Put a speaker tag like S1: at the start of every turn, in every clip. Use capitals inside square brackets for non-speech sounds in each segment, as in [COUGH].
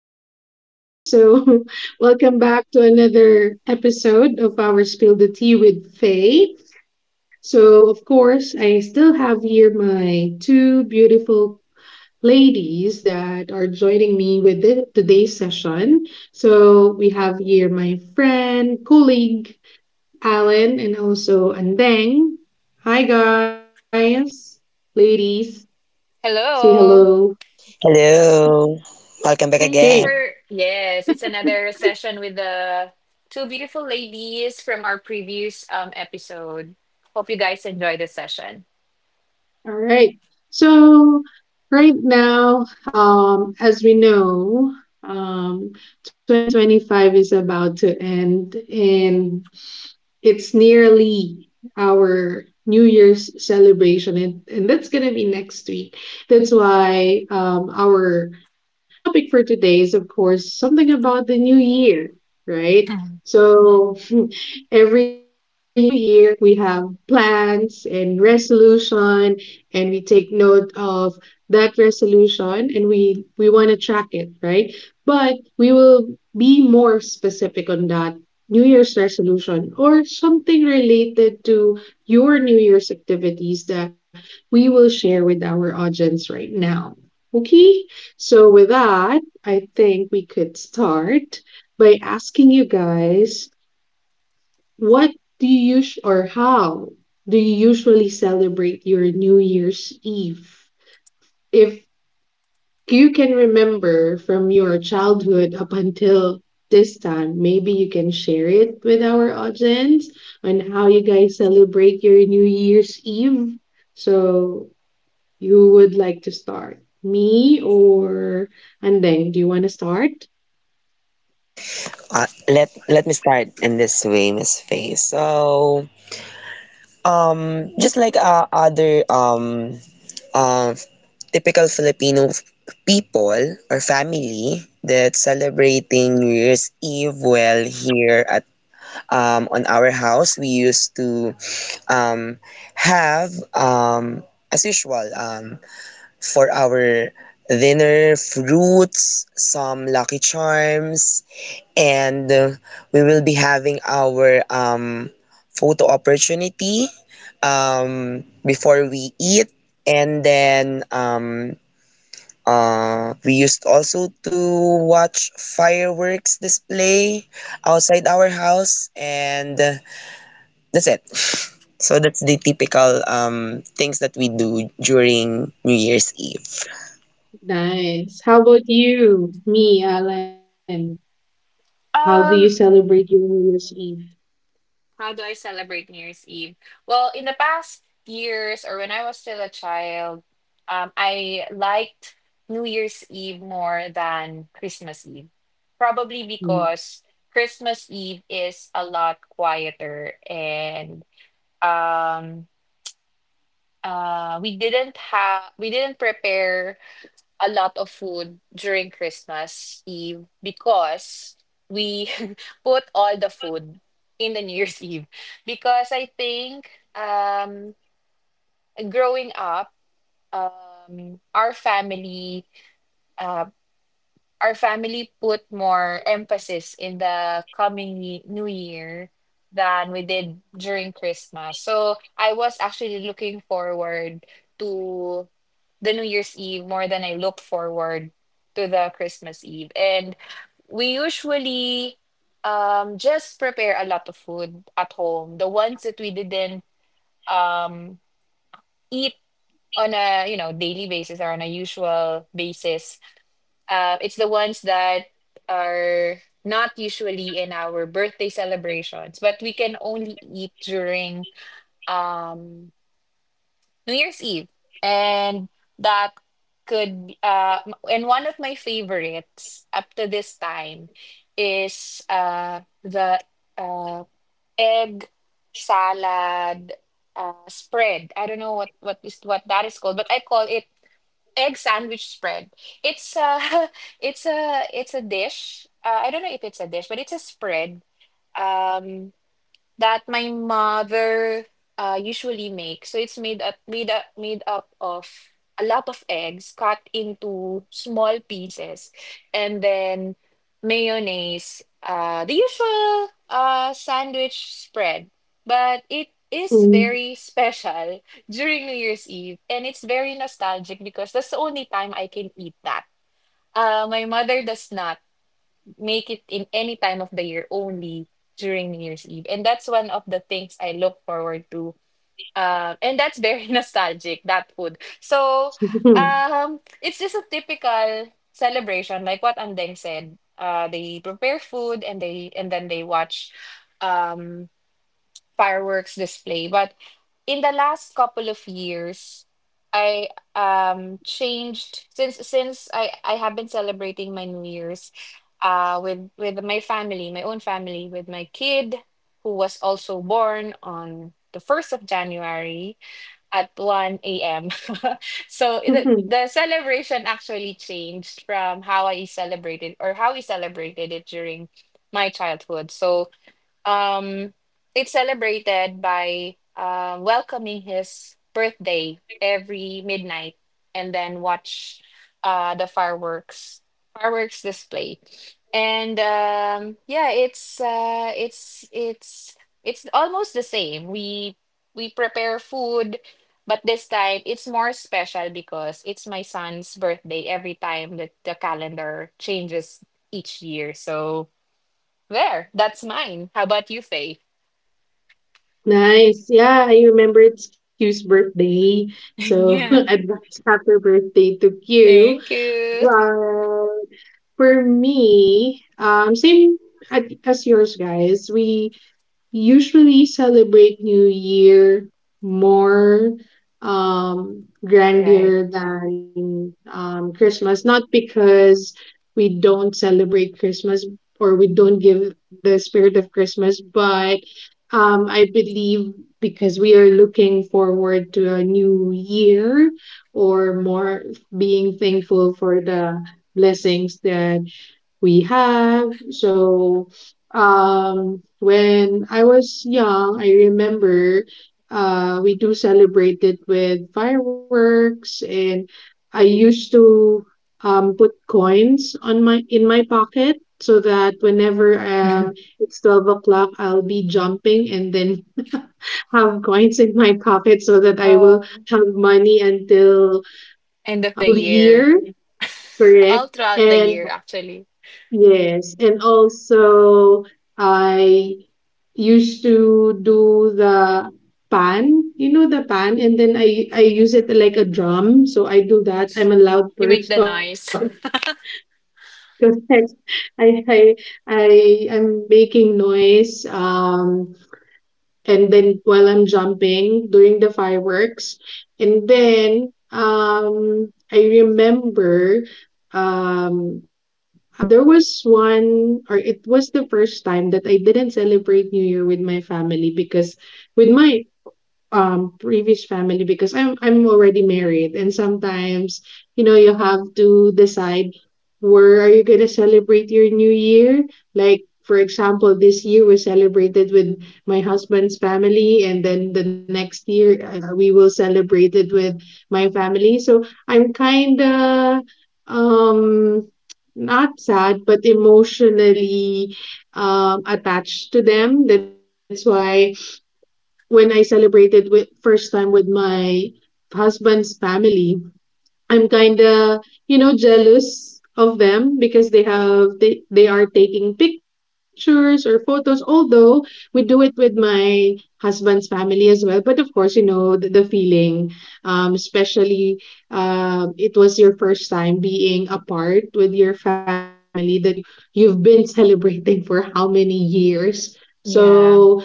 S1: everyone. [LAUGHS] Welcome back to another episode of our Spill the Tea with Faye. So, of course, I still have here my two beautiful ladies that are joining me with today's session. So, we have here my friend, colleague, Alan, and also Andeng. Hi, guys. Ladies, say hello.
S2: Hello.
S3: Hello, welcome back
S1: Okay.
S2: Thanks
S3: again.
S2: for, yes, it's another session with the two beautiful ladies from our previous episode. Hope you guys enjoy the session.
S1: All right. So right now, as we know, um, 2025 is about to end, and it's nearly our New Year's celebration, and that's gonna be next week. That's why our topic for today is, of course, something about the new year, right?
S2: Hmm.
S1: So, [LAUGHS] every new year we have plans and resolution, and we take note of that resolution and we want to track it, right? But we will be more specific on that New Year's resolution or something related to your New Year's activities that we will share with our audience right now. Okay? So, with that, I think we could start by asking you guys what do you us- or how do you usually celebrate your New Year's Eve? If you can remember from your childhood up until this time, maybe you can share it with our audience on how you guys celebrate your New Year's Eve. So, you would like to start? Me or Andeng, do you want to start?
S3: Let me start in this way, Miss Faye. So, just like other uh, typical Filipino people or family that celebrating New Year's Eve. Well, here at on our house, we used to um have as usual for our dinner fruits, some Lucky Charms and we will be having our photo opportunity before we eat, and then we used also to watch fireworks display outside our house. And uh, that's it [LAUGHS] So that's the typical things that we do during New Year's Eve.
S1: Nice. How about you, me, Alan? How do you
S2: Um,
S1: celebrate your New Year's Eve?
S2: how do I celebrate New Year's Eve? Well, in the past years or when I was still a child, I liked New Year's Eve more than Christmas Eve. Probably
S1: Mm.
S2: because Christmas Eve is a lot quieter and um. uh we didn't have we didn't prepare a lot of food during Christmas Eve because we [LAUGHS] put all the food in the [LAUGHS] New Year's Eve because I think um growing up um our family uh our family put more emphasis in the coming new year than we did during Christmas. So I was actually looking forward to the New Year's Eve more than I looked forward to the Christmas Eve. And we usually just prepare a lot of food at home. The ones that we didn't um eat on a, you know, daily basis or on a usual basis, it's the ones that are not usually in our birthday celebrations, but we can only eat during um, New Year's Eve. And that could, be- m- and one of my favorites up to this time is the uh, egg salad spread. I don't know what that is called, but I call it egg sandwich spread. It's a [LAUGHS] it's a dish. I don't know if it's a dish, but it's a spread. Um, that my mother usually makes. So it's made up of a lot of eggs cut into small pieces, and then mayonnaise, the usual sandwich spread. But it is very special [LAUGHS] during New Year's Eve, and it's very nostalgic because that's the only time I can eat that. My mother does not make it in any time of the year, only during New Year's Eve. And that's one of the things I look forward to. And that's very [LAUGHS] nostalgic, that food. So
S1: Mm.
S2: it's just a typical celebration, like what Andeng said. They prepare food and they and then they watch um fireworks display. But in the last couple of years, I changed, since I have been celebrating my New Year's with my family, my own family, with my kid who was also born on the 1st of January at 1 a.m. [LAUGHS] So the
S1: [LAUGHS]
S2: celebration actually changed from how I celebrated or how we celebrated it during my childhood. So um, it's celebrated by welcoming his birthday every midnight and then watch the fireworks display. And yeah, it's almost the same. We prepare food, but this time it's more special because it's my son's birthday every time that the calendar changes each year. So that's mine. How about you, Faye? [LAUGHS]
S1: Nice. Yeah, I remember it's Q's birthday. So [LAUGHS]
S2: Yeah,
S1: advance happy birthday to Q.
S2: thank you.
S1: But for me, same as yours, guys. We usually celebrate New Year more
S2: Right.
S1: grander than Christmas, not because we don't celebrate Christmas or we don't give the spirit of Christmas, but I believe because we are looking forward to a new year, or more being thankful for the blessings that we have. So, when I was young, I remember we do celebrate it with fireworks, and I used to put coins on my in my pocket so that whenever
S2: [LAUGHS]
S1: it's 12 o'clock, I'll be jumping and then [LAUGHS] have coins in my pocket so that I will
S2: Um,
S1: have money until
S2: end
S1: the
S2: of the
S1: whole
S2: year.
S1: year,
S2: [LAUGHS]
S1: correct?
S2: All throughout the
S1: And
S2: year, actually.
S1: yes, and also I used to do the pan, you know, the pan, and then I use it like a drum. So I do that. I'm a loud
S2: You make the
S1: person
S2: noise. [LAUGHS]
S1: [LAUGHS] because I I I I am making noise. And then while I'm jumping during the fireworks. And then I remember how there was one, or it was the first time that I didn't celebrate New Year with my family, because with my previous family, because I'm already married, and sometimes you know you have to decide where are you going to celebrate your new year. Like for example, this year we celebrated with my husband's family, and then the next year we will celebrate it with my family. So I'm kind of um not sad, but emotionally attached to them. That's why when I celebrated with first time with my husband's family, I'm kinda, you know, jealous of them because they are taking pictures or photos, although we do it with my husband's family as well. But of course, you know the feeling, especially it was your first time being apart with your family that you you've been [LAUGHS] celebrating for how many years.
S2: Yeah.
S1: So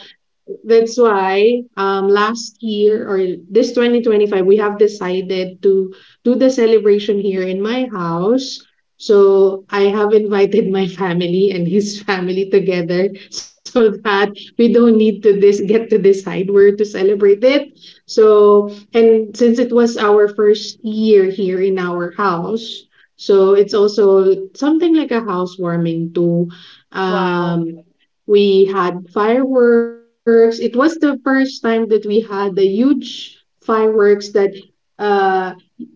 S1: that's why last year or this 2025, we have decided to do the celebration here in my house. So I have invited my family and his [LAUGHS] family together so that we don't need to this get to decide where to celebrate it. So, and since it was our first year here in our house, so it's also something like a housewarming too.
S2: Wow.
S1: Um, we had fireworks. It was the first time that we had the huge fireworks that uh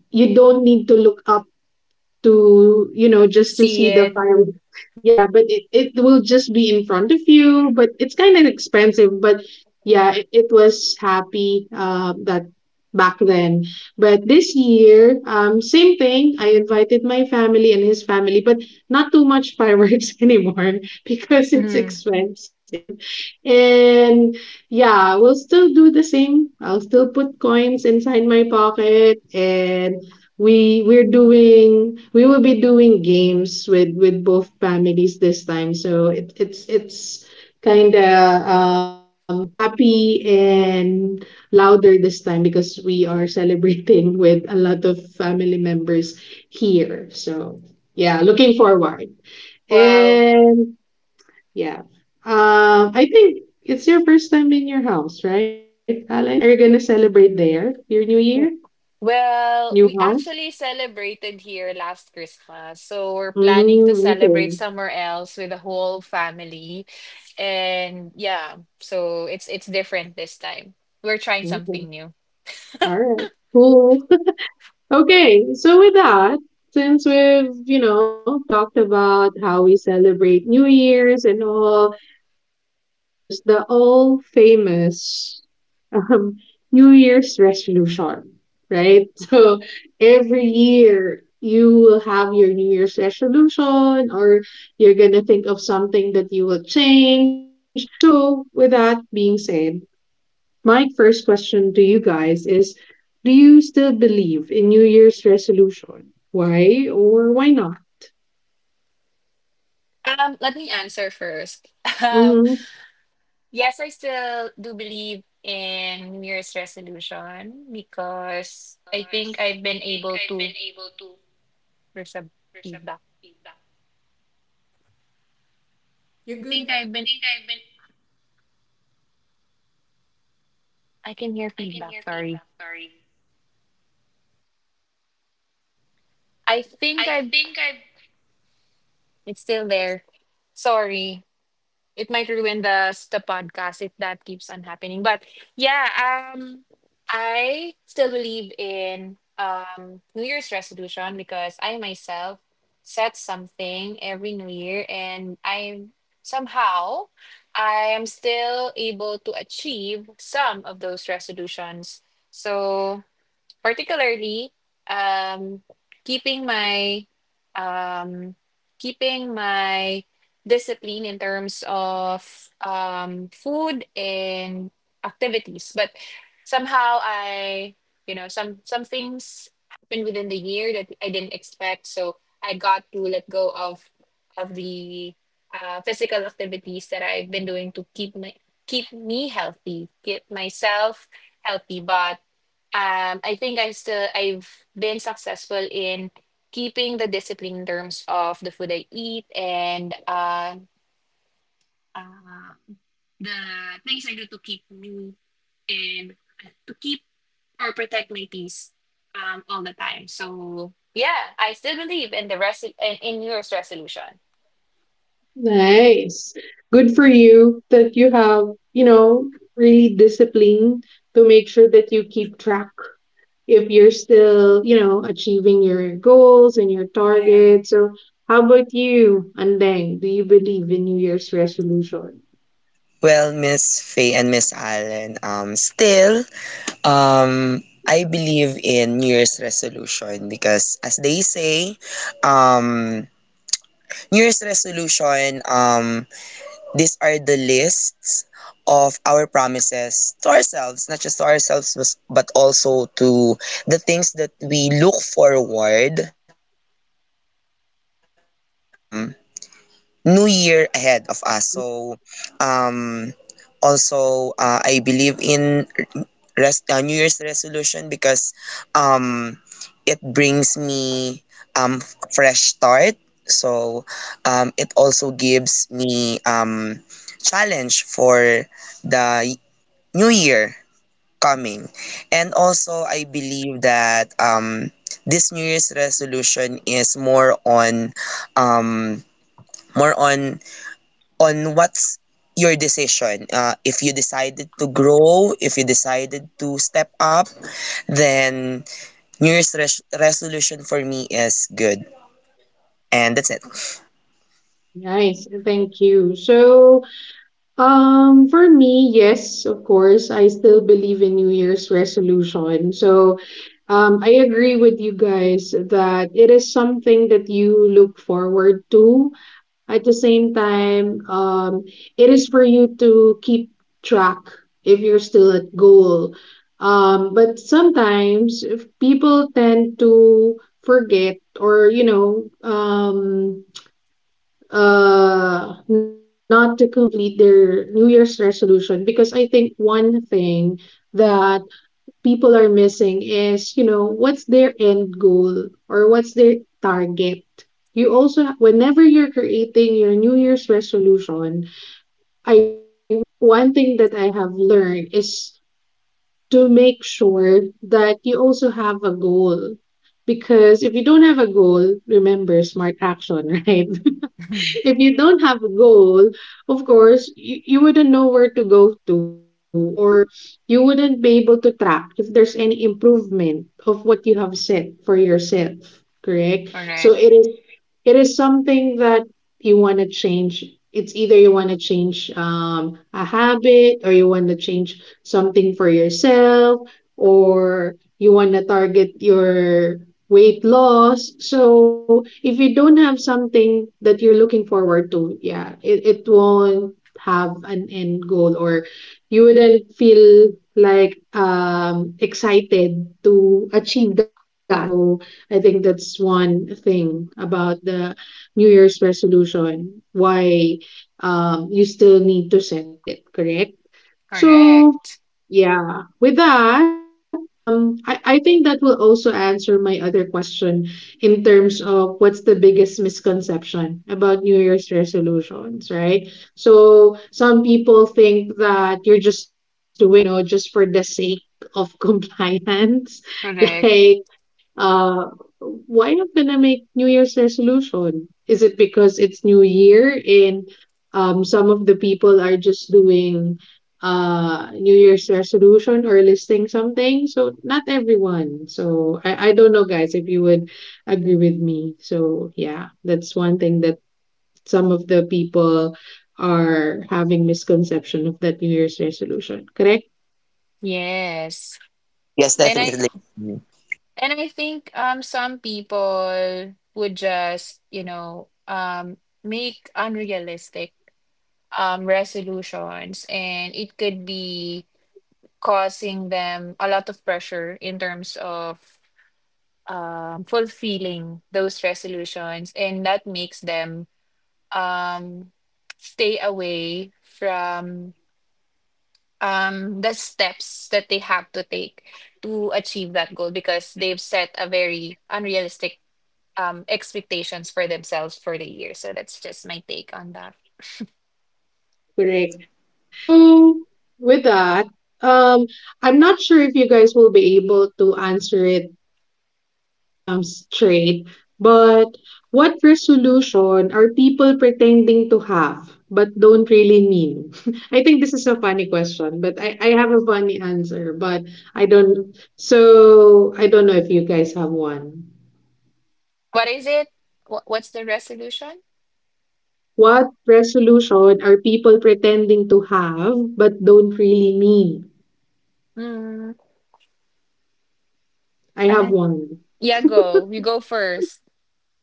S1: you don't need to look up to, you know, just to
S2: See
S1: see the
S2: it.
S1: fire, yeah, but it will just be in front of you. But it's kind of expensive, but yeah, it was happy, that back then. But this year, same thing, I invited my family and his family, but not too much fireworks [LAUGHS] anymore because it's
S2: Mhm.
S1: expensive. And yeah, we'll still do the same. I'll still put coins inside my pocket, and we will be doing games with both families this time. So it's kind of happy and louder this time, because we are celebrating [LAUGHS] with a lot of family members here. So yeah, looking forward.
S2: Wow.
S1: And yeah, I think it's your first time in your house, right, Alan? Are you gonna celebrate there your new year, new
S2: Well, we
S1: house?
S2: actually celebrated here last Christmas. So we're planning
S1: Mm,
S2: to celebrate
S1: okay.
S2: somewhere else with the whole family. And yeah, so it's different this time. We're trying
S1: Okay.
S2: something new.
S1: All right. Cool. [LAUGHS] Okay. So with that, since we've, you know, talked about how we celebrate New Year's and all, and of course the all famous um, New Year's resolution, right? [LAUGHS] So every year you will have your New Year's resolution, or you're gonna think of something that you will change. So with that being said, my first question to you guys is, do you still believe in New Year's resolution? Why or why not?
S2: Let me answer first. [LAUGHS] Um,
S1: Hmm.
S2: yes, I still do believe in New Year's resolution because I think I've been able to. There's a feedback. I think I've been. I can hear feedback. Sorry. I think I've. It's still there. Sorry. It might ruin the podcast if that keeps on happening. But yeah, I still believe in New Year's resolution because I myself set something every New Year, and I'm somehow I am still able to achieve some of those resolutions. So particularly um, keeping my um, keeping my discipline in terms of food and activities. But somehow I, you know, some things happened within the year that I didn't expect, so I got to let go of the physical activities that I've been doing to keep my, keep me healthy, keep myself healthy. But I think I still, I've been successful in keeping the discipline in terms of the food I eat, and uh, the things I do to keep me in, to keep or protect my peace, all the time. So yeah, I still believe in the res- in New Year's resolution.
S1: Nice. Good for you that you have, you know, really discipline to make sure that you keep track if you're still, you know, achieving your goals and your
S2: Yeah.
S1: targets. So, how about you, Andeng? Do you believe in New Year's resolution?
S3: Well, Miss Faye and Miss Allen, still I believe in New Year's resolution because, as they say, um, New Year's resolution, these are the lists of our promises to ourselves, not just to ourselves, but also to the things that we look forward um, on the new year ahead of us. So, um, also, I believe in New Year's resolution because um, it brings me fresh start. So it also gives me challenge for the y- new year coming. And also, I believe that this New Year's resolution is more on um, more on on what's your decision. If you decided to grow, if you decided to step up, then New Year's resolution for me is good. And that's it.
S1: Nice, thank you. So, um, for me, yes, of course. I still believe in New Year's resolution. So, I agree with you guys that it is something that you look forward to. At the same time, it is for you to keep track if you're still at goal. But sometimes if people tend to forget or, you know, not to complete their new year's resolution, because I think one thing that people are missing is, you know, what's their end goal or what's their target. You also, whenever you're creating your new year's resolution, one thing that I have learned is to make sure that you also have a goal, because if you don't have a goal, remember, smart action, [LAUGHS] right?
S2: [LAUGHS]
S1: If you don't have a goal, of course, you wouldn't know where to go to, or you wouldn't be able to track if there's any improvement of what you have set for yourself, correct? So
S2: Correct,
S1: it is, it is something that you want to change. It's either you want to change a habit, or you want to change something for yourself, or you want to target your weight loss. So if you don't have something that you're looking forward to, yeah, it won't have an end goal, or you wouldn't feel like excited to achieve that. So I think that's one thing about the New Year's resolution, why you still need to set it, correct? So,
S2: correct,
S1: yeah, with that, I think that will also answer my other question in terms of what's the biggest misconception about New Year's resolutions, right? So, some people think that you're just doing it, you know, just for the sake of [LAUGHS] compliance.
S2: correct.
S1: Like uh, why not gonna make New Year's resolution? Is it because it's New Year, and some of the people are just doing New Year's resolution or listing something? So not everyone. So I don't know, guys, if you would agree with me. So yeah, that's one thing that some of the people are having misconception of that New Year's resolution. Correct?
S2: Yes.
S3: Yes,
S2: and I.
S3: definitely.
S2: And I think some people would just, you know, make unrealistic resolutions, and it could be causing them a lot of pressure in terms of fulfilling those resolutions, and that makes them um stay away from the steps that they have to take to achieve that goal because they've set a very unrealistic expectations for themselves for the year. So that's just my take on that.
S1: Correct. So with that, um, I'm not sure if you guys will be able to answer it straight, but what resolution are people pretending to have but don't really mean? [LAUGHS] I think this is a funny question, but I have a funny answer, but I don't, so I don't know if you guys have one.
S2: What is it? Wh- What's the resolution?
S1: What resolution are people pretending to have but don't really mean?
S2: Mm,
S1: I have
S2: uh,
S1: one.
S2: yeah, go. You go first.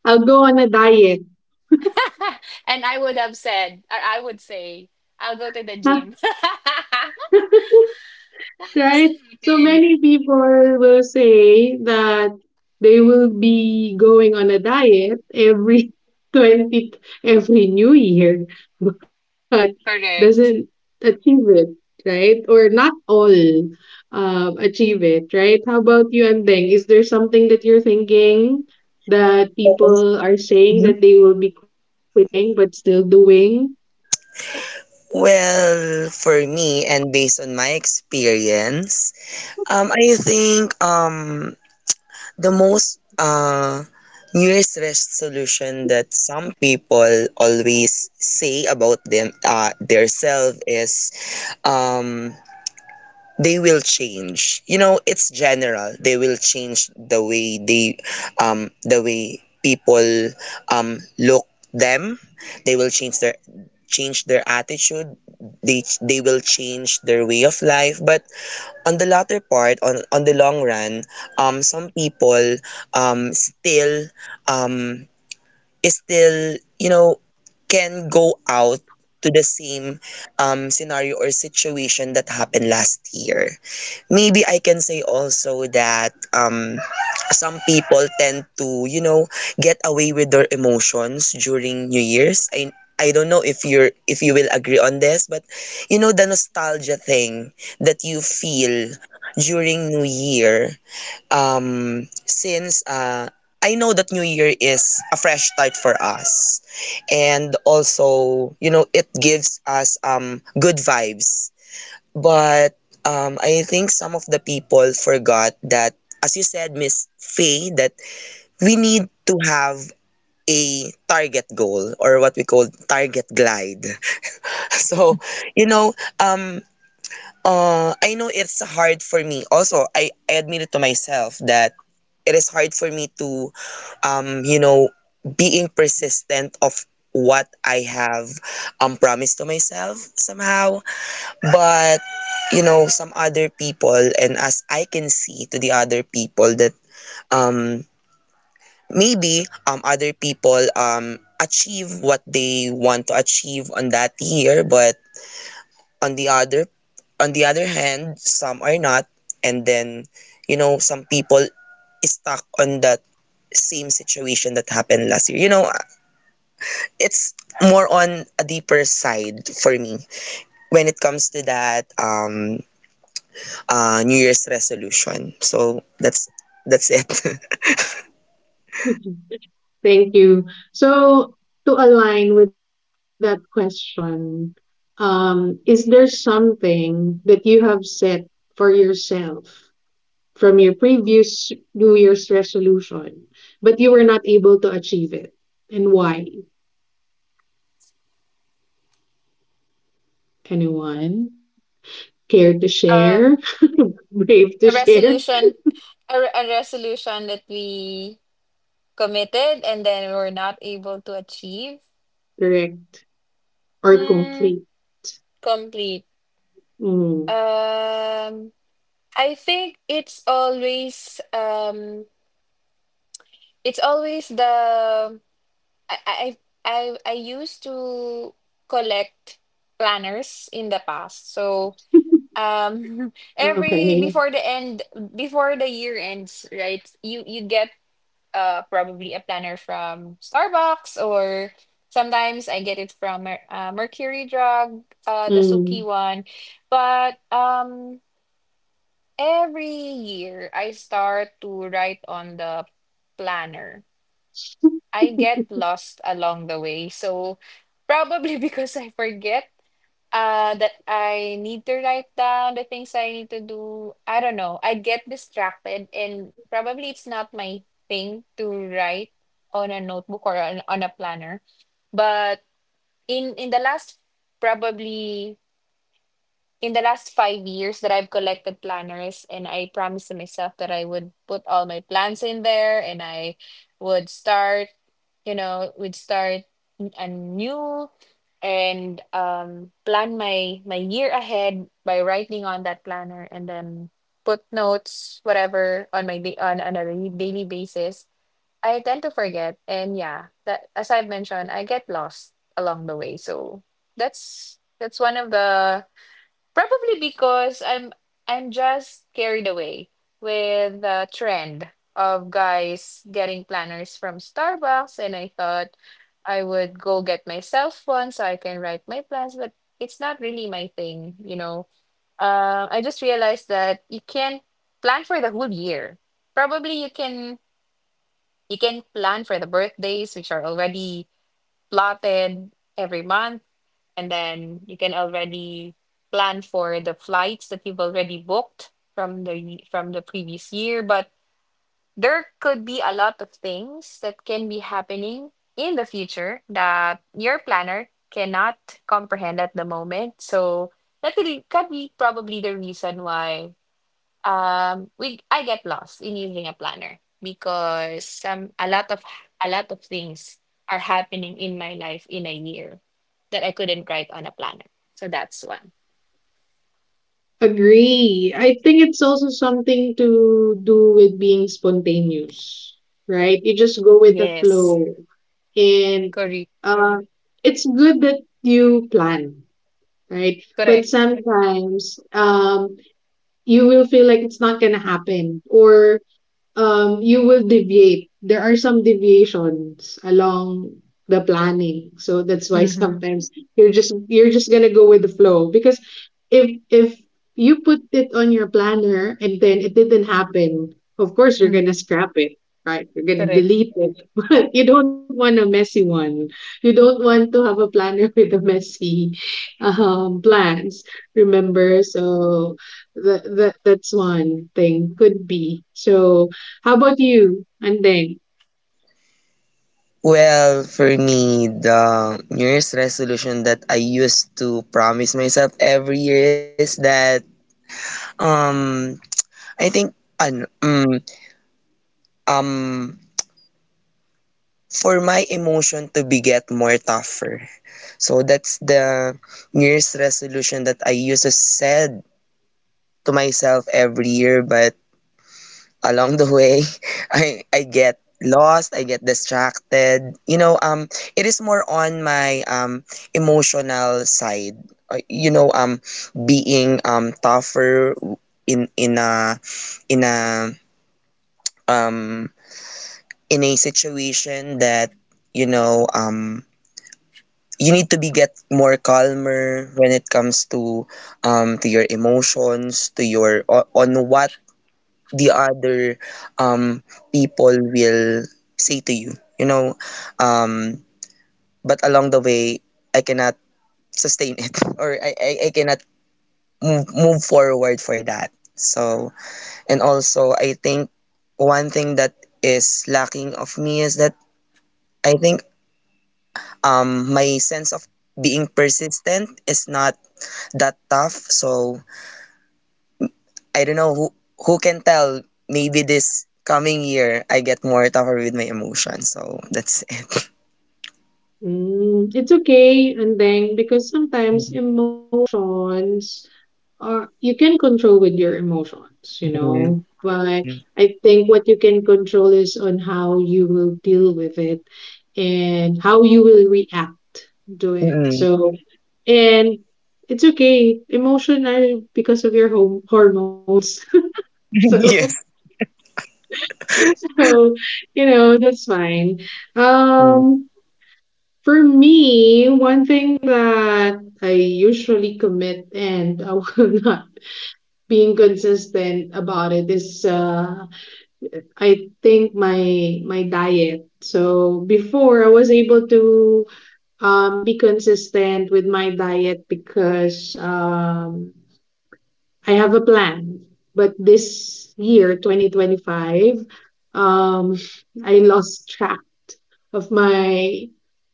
S1: I'll go on a diet.
S2: [LAUGHS] and I would have said, I would say, I'll go to the gym. [LAUGHS] That
S1: [LAUGHS] Right?
S2: doesn't
S1: So
S2: happen.
S1: many people will say that they will be going on a diet every [LAUGHS] 20, every new year, [LAUGHS] but doesn't
S2: Correct.
S1: achieve it, right? Or not all achieve it, right? How about you, Andeng? Is there something that you're thinking that people are saying that they will be quit doing but still doing?
S3: Well, for me and based on my experience, I think the most New Year's resolution that some people always say about them their self is um they will change, you know, it's general. They will change the way the way people look them. They will change their attitude. They will change their way of life, but on the latter part, on the long run, some people still um is still, you know, can go out to the same scenario or situation that happened last year. Maybe I can say also that some people tend to, you know, get away with their emotions during New Year's. I don't know if you're if you will agree on this, but you know the nostalgia thing that you feel during New Year. Since I know that New Year is a fresh start for us, and also you know it gives us good vibes, but I think some of the people forgot that, as you said, Miss Faye, that we need to have a target goal or what we call target glide. [LAUGHS] So, you know, um, I know it's hard for me. Also, I admit it to myself that it is hard for me to, you know, being persistent of what I have promised to myself somehow. But you know, some other people, and as I can see to the other people that um maybe other people achieve what they want to achieve on that year, but on the other hand, some are not. And then, you know, some people is stuck on that same situation that happened last year. You know, it's more on a deeper side for me when it comes to that New Year's resolution. So that's it. [LAUGHS]
S1: [LAUGHS] Thank you. So, to align with that question, is there something that you have set for yourself from your previous New Year's resolution, but you were not able to achieve it? And why? Anyone care to share?
S2: Um,
S1: [LAUGHS] Brave to
S2: a
S1: share?
S2: resolution, a resolution that we committed and then we're not able to achieve.
S1: Correct or
S2: Hmm.
S1: complete?
S2: Complete.
S1: Mm,
S2: Um. I think it's always the I I I used to collect planners in the past. So um [LAUGHS]
S1: [LAUGHS]
S2: every
S1: okay.
S2: before the end before the year ends, right? You get probably a planner from Starbucks, or sometimes I get it from Mercury Drug, the Suki
S1: Mm.
S2: one. But every year, I start to write on the planner. I get lost along the way. So probably [LAUGHS] because I forget that I need to write down the things I need to do. I don't know. I get distracted, and probably it's not my thing to write on a notebook or on a planner. But in the last, probably in the last 5 years, that I've collected planners, and I promised to myself that I would put all my plans in there, and I would start, you know, would start anew, and plan my year ahead by writing on that planner, and then put notes, whatever, on my on a daily basis. I tend to forget, and yeah, that as I've mentioned, I get lost along the way. So that's one of the. Probably because I'm just carried away with the trend of guys getting planners from Starbucks, and I thought I would go get myself one so I can write my plans, but it's not really my thing, you know. I just realized that you can't plan for the whole year. Probably you can, you can plan for the birthdays, which are already plotted every month, and then you can already plan for the flights that you've already booked from the previous year, but there could be a lot of things that can be happening in the future that your planner cannot comprehend at the moment. So that could be, could be probably the reason why we I get lost in using a planner, because some a lot of things are happening in my life in a year that I couldn't write on a planner. So that's one.
S1: Agree. I think it's also something to do with being spontaneous, right? You just go with the
S2: Yes,
S1: flow. And
S2: correct,
S1: uh, it's good that you plan, right? But
S2: correct.
S1: sometimes you will feel like it's not going to happen, or you will deviate. There are some deviations along the planning. So that's why
S2: Mm-hmm.
S1: sometimes you're just gonna go with the flow. Because if you put it on your planner and then it didn't happen, of course you're gonna
S2: Mm,
S1: scrap it. Right, you're gonna
S2: correct.
S1: delete it, [LAUGHS] but you don't want a messy one. You don't want to have a planner [LAUGHS] with a messy plans. Remember, so that's one thing could be. So how about you? And then,
S3: Well, for me, the New Year's resolution that I used to promise myself every year is that um I think an um for my emotion to be get more tougher. So that's the New Year's resolution that I used to said to myself every year. But along the way, [LAUGHS] I get lost, I get distracted, you know. Um, it is more on my emotional side. You know, being tougher in in a in a um in a situation that, you know, you need to be get more calmer when it comes to your emotions, to your on what the other um, people will say to you, you know. Um, but along the way, I cannot sustain it. [LAUGHS] Or I cannot move forward for that. So, and also, I think one thing that is lacking of me is that I think my sense of being persistent is not that tough. So, I don't know who can tell. Maybe this coming year I get more tougher with my emotions. So that's...
S1: mm, it's okay. And then, because sometimes emotions are, you can control with your emotions, you
S3: Mhm.
S1: know. But I think what you can control is on how you will deal with it and how you will react to it.
S3: Mm-mm.
S1: So, and it's okay. Emotion are because of your home hormones. [LAUGHS]
S3: [LAUGHS]
S1: So,
S3: Yes.
S1: so, you know, that's fine.
S3: Mm.
S1: Um, For me, one thing that I usually commit and I will [LAUGHS] not being consistent about it is I think my diet. So before I was able to be consistent with my diet because I have a plan, but this year, 2025, um, I lost track of my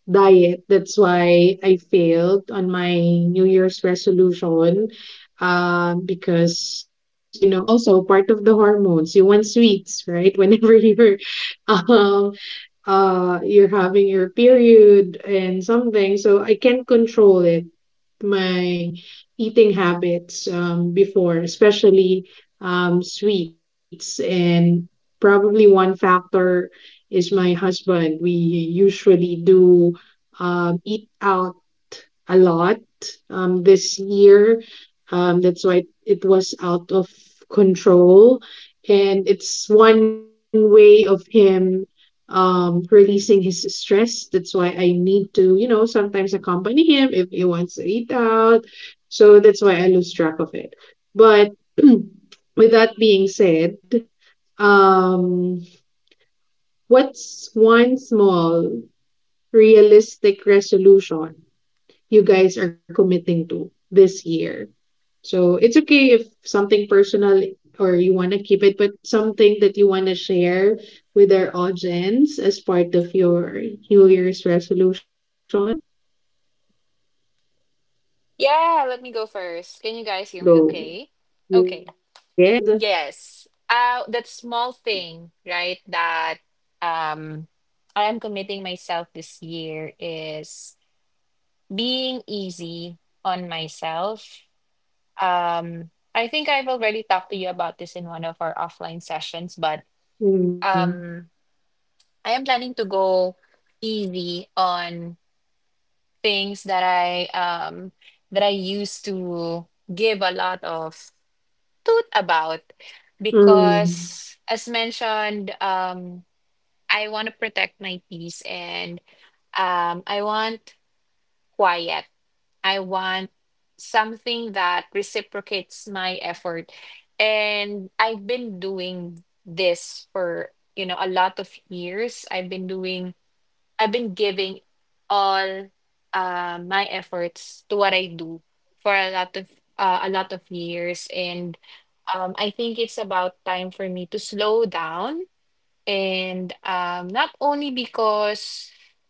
S1: diet. That's why I failed on my New Year's resolution. Because you know, also part of the hormones, you want sweets, right? [LAUGHS] Whenever um, you're having your period and something, so I can't control it my eating habits before, especially sweets. And probably one factor is my husband. We usually do eat out a lot this year. That's why it was out of control. And it's one way of him releasing his stress. That's why I need to, you know, sometimes accompany him if he wants to eat out, so that's why I lose track of it. But [CLEARS THROAT] with that being said, um, what's one small realistic resolution you guys are committing to this year? So it's okay if something personal or you want to keep it, but something that you want to share with our audience as part of your New Year's resolution.
S2: Yeah, let me go first. Can you guys hear me?
S1: Go.
S2: Okay. Okay.
S1: Yes.
S2: Yes. That small thing, right? That um, I am committing myself this year is being easy on myself. I think I've already talked to you about this in one of our offline sessions, but
S1: Mm.
S2: um, I am planning to go easy on things that I used to give a lot of toot about
S1: Mm.
S2: because, as mentioned, I want to protect my peace, and I want quiet. I want something that reciprocates my effort. And I've been doing this for, you know, a lot of years. I've been doing, I've been giving all my efforts to what I do for a lot of years. And I think it's about time for me to slow down. And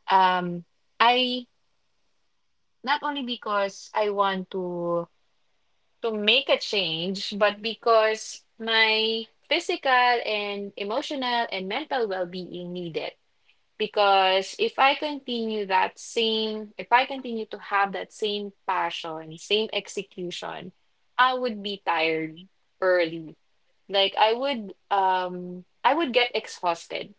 S2: um, I, not only because I want to make a change, but because my physical and emotional and mental well being needed. Because if I continue that same, if I continue to have that same passion, same execution, I would be tired early. Like I would get exhausted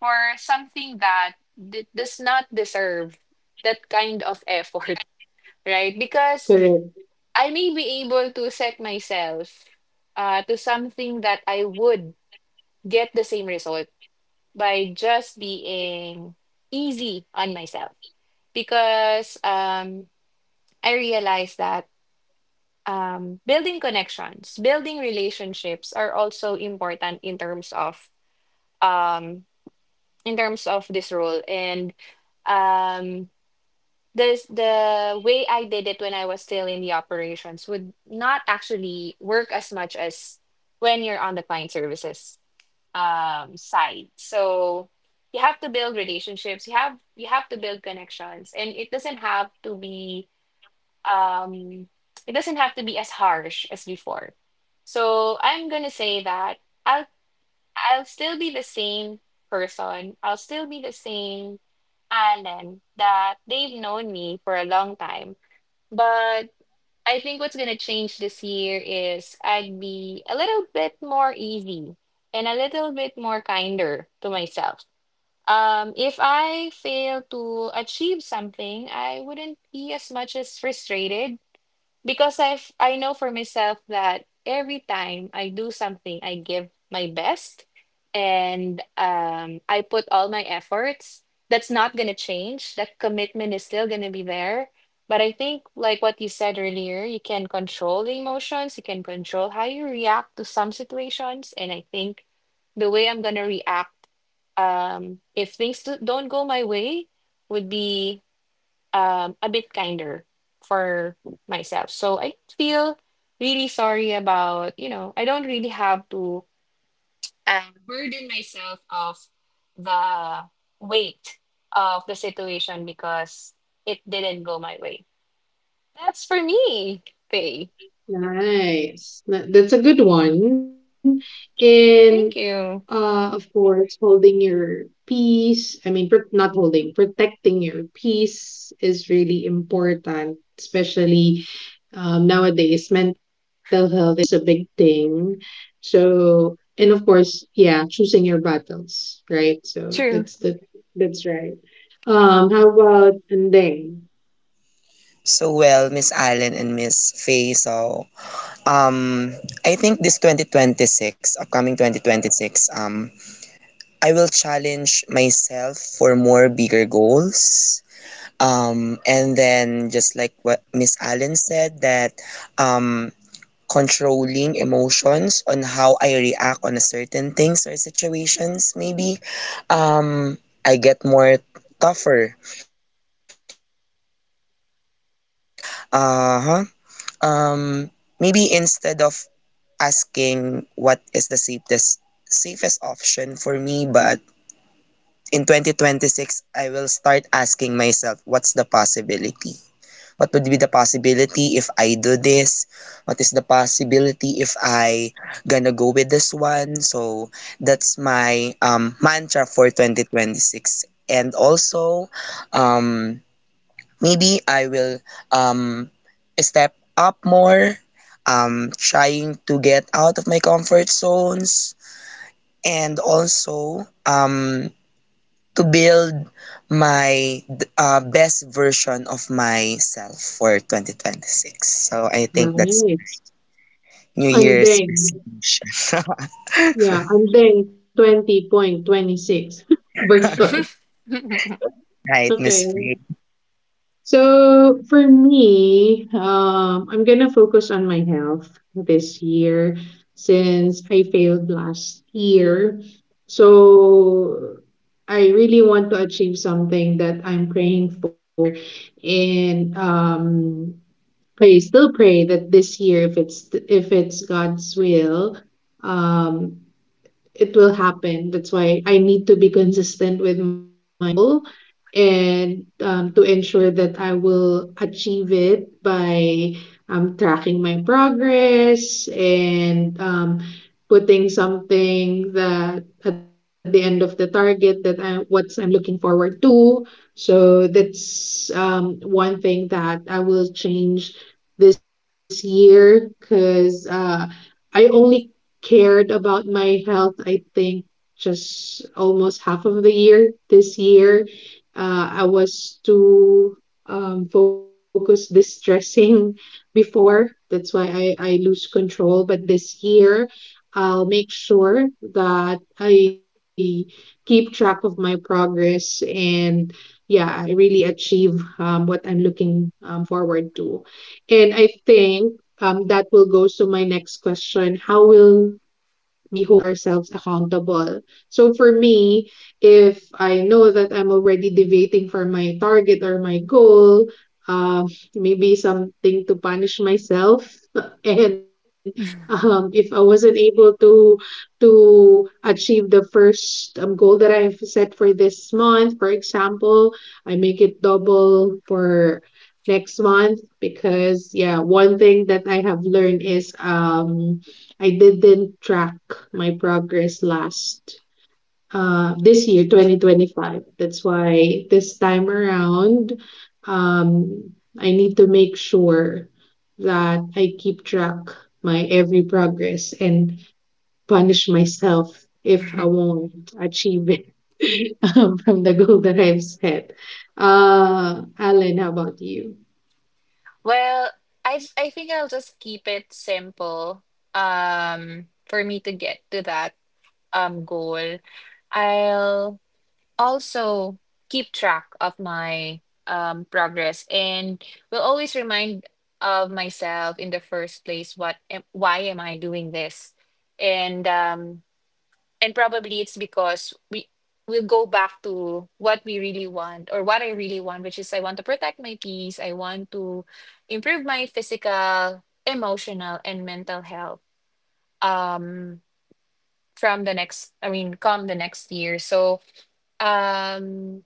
S2: for something that does not deserve that kind of effort, [LAUGHS] right? Because
S1: Correct.
S2: I may be able to set myself to something that I would get the same result by just being easy on myself. Because I realize that building connections, building relationships are also important um, in terms of this role. And um, there's the way I did it when I was still in the operations would not actually work as much as when you're on the client services side. So you have to build relationships. You have to build connections, and it doesn't have to be um, it doesn't have to be as harsh as before. So I'm gonna say that I'll still be the same person. I'll still be the same Alan that they've known me for a long time. But I think what's going to change this year is I'd be a little bit more easy and a little bit more kinder to myself. If I fail to achieve something, I wouldn't be as much as frustrated because I know for myself that every time I do something, I give my best and I put all my efforts. That's not gonna change. That commitment is still gonna be there. But I think like what you said earlier, you can control the emotions, you can control how you react to some situations. And I think the way I'm gonna react if don't go my way would be a bit kinder for myself. So I feel really sorry about, I don't really have to burden myself of the weight of the situation because it didn't go my way. That's for me, Faye.
S1: Nice. That's a good one. And
S2: Thank you.
S1: of course, holding your peace. I mean, not holding, protecting your peace is really important, especially nowadays. Mental health is a big thing. So, and of course, yeah, choosing your battles, right? So
S2: True.
S1: that's the that's right. How about andeng?
S3: So, well, Miss Allen and Miss Faye. So, um, I think this 2026, upcoming 2026, I will challenge myself for more bigger goals. And then just like what Miss Allen said, that um, controlling emotions on how I react on a certain things or situations, maybe um I get more tougher with my emotions as well. And uh-huh, um maybe instead of asking what is the safest option for me, but in 2026 I will start asking myself what's the possibility, what would be the possibility if I do this? What is the possibility if I gonna go with this one? So that's my mantra for 2026. And also, um, maybe I will um, step up more, trying to get out of my comfort zones. And also, to build my best version of myself for 2026. So I think that's
S1: Nice.
S3: New Year's
S1: Andeng.
S3: resolution.
S1: Yeah,
S3: [LAUGHS]
S1: and then 2026 [LAUGHS] version.
S2: [LAUGHS]
S3: Right,
S1: Okay.
S3: Miss Faye?
S1: So for me, I'm gonna focus on my health this year since I failed last year. So I really want to achieve something that I'm praying for, and I still pray that this year, if it's God's will, um, it will happen. That's why I need to be consistent with my goal and to ensure that I will achieve it by tracking my progress and putting something that at the end of the target that I what I'm looking forward to. So that's one thing that I will change this year because I only cared about my health, I think, just almost half of the year this year. I was too focused distressing [LAUGHS] before. That's why I lose control. But this year, I'll make sure that I keep track of my progress and yeah, I really achieve what I'm looking forward to. And I think that will go to my next question. How will we hold ourselves accountable? So for me, if I know that I'm already deviating from my target or my goal, um, maybe something to punish myself. [LAUGHS] And if I wasn't able to achieve the first goal that I've set for this month, for example, I make it double for next month. Because yeah, one thing that I have learned is I didn't track my progress last this year 2025. That's why this time around, um I need to make sure that I keep track my every progress and punish myself if I won't achieve it [LAUGHS] from the goal that I've set. Alan, how about you?
S2: Well, I think I'll just keep it simple. For me to get to that goal, I'll also keep track of my progress and will always remind of myself in the first place why am I doing this, and um, and probably it's because we'll go back to what we really want or what I really want, which is I want to protect my peace. I want to improve my physical, emotional and mental health um from the next, I mean come the next year. So um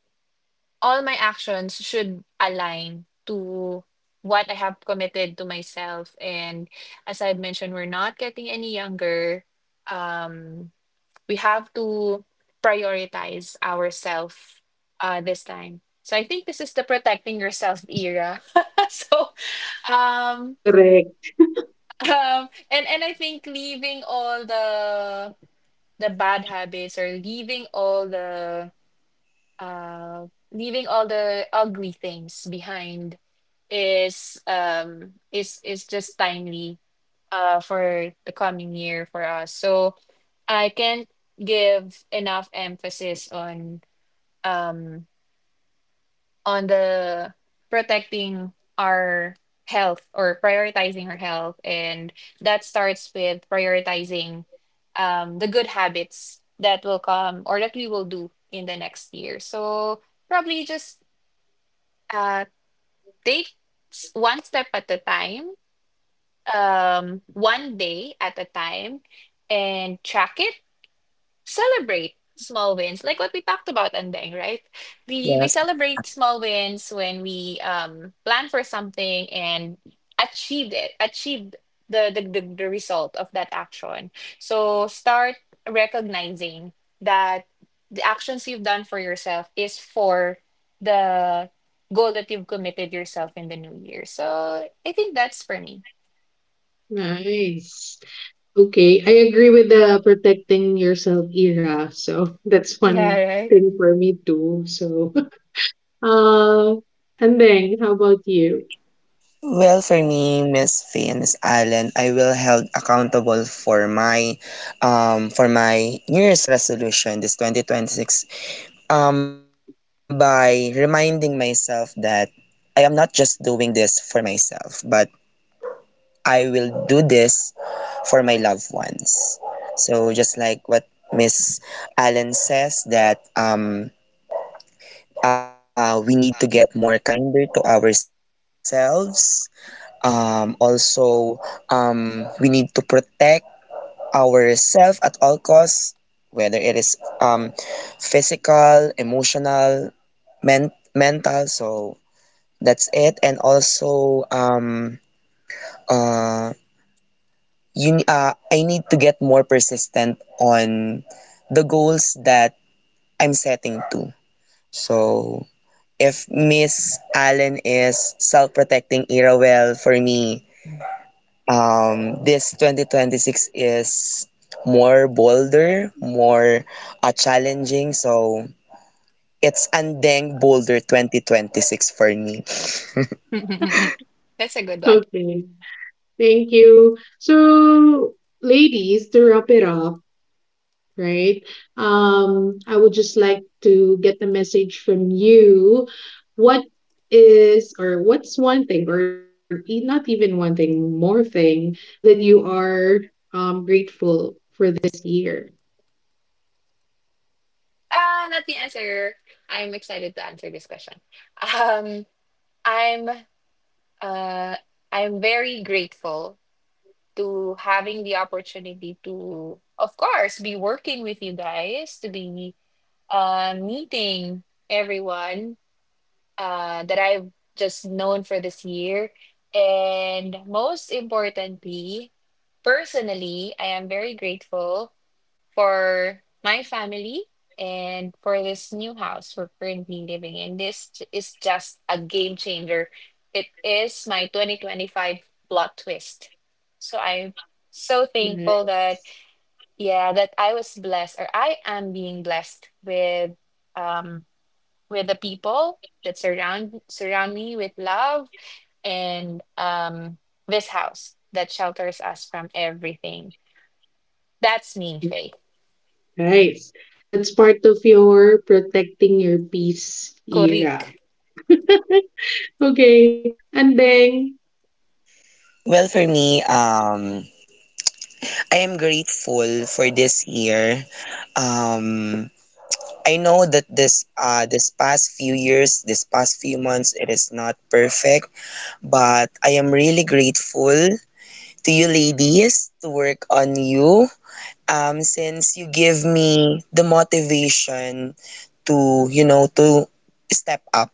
S2: all my actions should align to what I have committed to myself. And as I've mentioned, we're not getting any younger. Um, we have to prioritize ourselves this time. So I think this is the protecting yourself era. [LAUGHS] So um
S1: Correct.
S2: um and I think leaving all the bad habits, or uh, leaving all the ugly things behind is just timely for the coming year for us. So I can't give enough emphasis um on the protecting our health, or prioritizing our health, and that starts with prioritizing the good habits that will come, or that we will do in the next year. So probably just uh, take one step at a time, one day at a time, and track it, celebrate small wins like what we talked about, Andeng. Right, we
S3: Yes.
S2: celebrate small wins when we plan for something and achieved the result of that action. So start recognizing that the actions you've done for yourself is for the goal that you've committed yourself in the new year. So I think that's for me.
S1: Nice. Okay, I agree with the protecting yourself era. So [LAUGHS] that's
S2: Yeah,
S1: one
S2: right.
S1: thing for me too. So, [LAUGHS] uh, and then how about you? [LAUGHS]
S3: Well, for me, Miss Faye and Miss Allen, I will held accountable for my New Year's resolution this 2026, by reminding myself that I am not just doing this for myself, but I will do this for my loved ones. So just like what Miss Allen says that we need to get more kinder to ourselves. Also, we need to protect ourselves at all costs, whether it is physical, emotional, mental. So that's it. And also, uh, you I need to get more persistent on the goals that I'm setting to. So if Miss Allen is self-protecting Irrawell for me, this 2026 is more bolder, more challenging. So it's Andeng Boulder 2026 for me.
S2: [LAUGHS] That's a good one.
S1: Okay, thank you. So, ladies, to wrap it up, right? I would just like to get the message from you. What is or what's one thing or not even one thing, more thing that you are grateful for this year?
S2: Let me answer. I'm excited to answer this question. Um, I'm uh, I'm very grateful to having the opportunity to, of course, be working with you guys, to be meeting everyone that I've just known for this year, and most importantly, personally, I am very grateful for my family and for this new house we're currently living in. This is just a game changer. It is my 2025 plot twist. So I'm so
S1: Nice.
S2: thankful that, yeah, that I was blessed, or I am being blessed um with the people that surround me with love, and this house that shelters us from everything. That's me, Faith.
S1: Nice. That's part of your protecting your peace era.
S2: Kurik.
S1: Okay. And then,
S3: Well, for me, I am grateful for this year. Um, I know that this past few years, this past few months, it is not perfect, but I am really grateful to you ladies, to work on you since you give me the motivation to, you know, to step up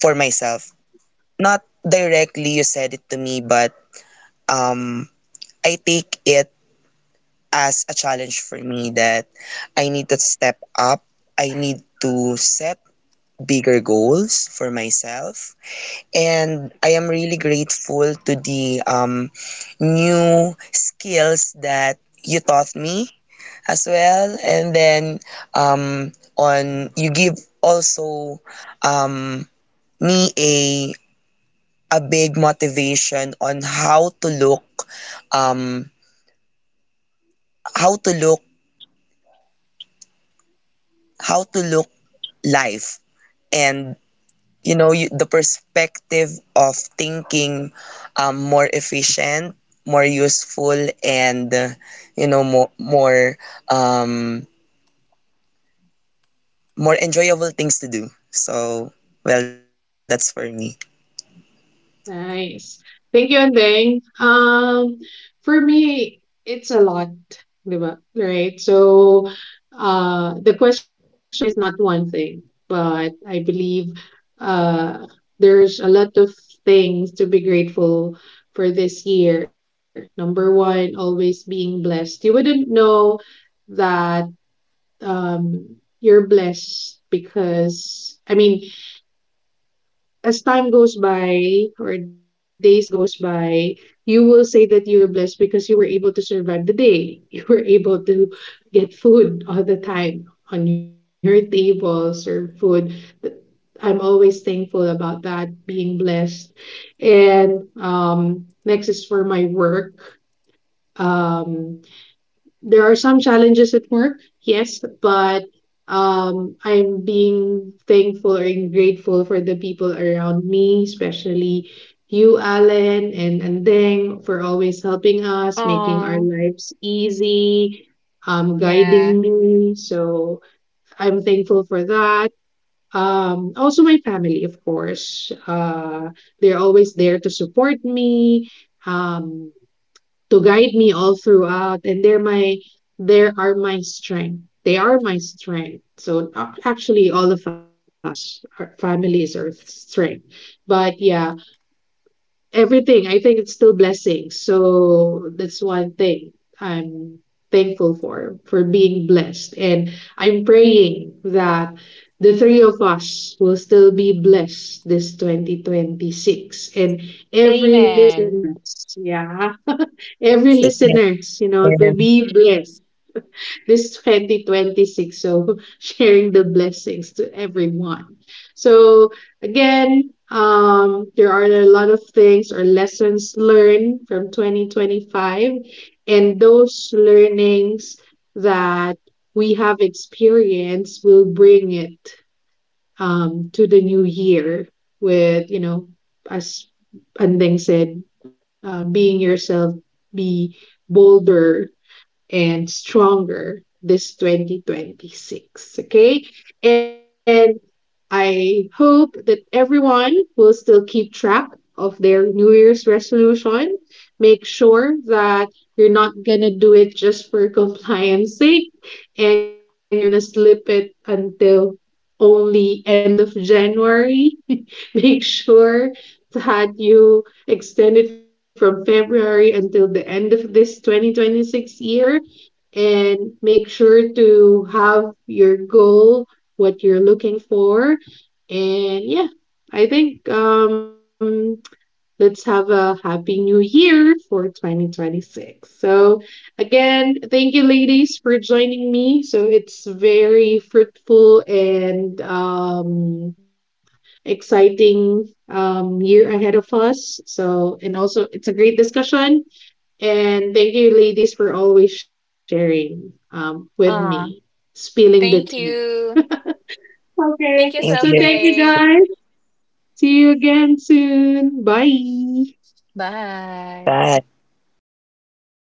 S3: for myself. Not directly you said it to me, but um I take it as a challenge for me that I need to step up. I need to set bigger goals for myself. And I am really grateful to the new skills that you taught me as well. And then on you give also um, me a big motivation on how to look um, how to look how to look life, and you know, you, the perspective of thinking more efficient, more useful, and you know, um, more enjoyable things to do. So well, that's for me.
S1: nice. Thank you, and Andeng. For me, it's a lot, di ba? Right? So, the question is not one thing, but I believe uh, there's a lot of things to be grateful for this year. Number one, always being blessed. You wouldn't know that um, you're blessed because, I mean, as time goes by or days goes by, you will say that you were blessed because you were able to survive the day. [LAUGHS] You were able to get food all the time on your table, serve food. Th- I'm always thankful about that, being blessed. And next is for my work. Um, there are some challenges at work, yes, but I'm being thankful or grateful for the people around me, especially you, Alan, and Andeng, for always helping us, making our
S2: Aww.
S1: lives easy,
S2: Yeah.
S1: guiding me. So I'm thankful for that. Also, my family, of course. They're always there to support me. Um, to guide me all throughout, and they're my there are my strength they are my strength. So actually all of us, our families are strength. But yeah, everything. I think it's still blessings. So that's one thing I'm thankful for being blessed. And I'm praying that the three of us will still be blessed this 2026. And every
S2: Amen.
S1: listeners, yeah, [LAUGHS] every
S3: Thank
S1: listeners,
S3: you,
S1: you know, to be blessed this 2026. So [LAUGHS] sharing the blessings to everyone. So again, there are a lot of things or lessons learned from 2025, and those learnings that we have experienced will bring it to the new year with, you know, as Andeng said, being yourself, be bolder and stronger this 2026. Okay. And I hope that everyone will still keep track of their New Year's resolution. Make sure that you're not going to do it just for compliance sake and you're not going to slip it until only end of January. [LAUGHS] Make sure that you extend it from February until the end of this 2026 year, and make sure to have your goal, what you're looking for. And yeah, I think let's have a happy new year for 2026. So, again, thank you, ladies, for joining me. So, it's very fruitful and exciting year ahead of us. So, and also, it's a great discussion. And thank you, ladies, for always sharing with me,
S2: Uh,
S1: spilling the tea.
S2: Thank you.
S1: Okay.
S2: Thank
S3: thank
S2: you,
S1: So
S3: you.
S1: thank you,
S2: Sophie.
S1: guys. See you again soon. Bye.
S3: Bye.
S2: Bye.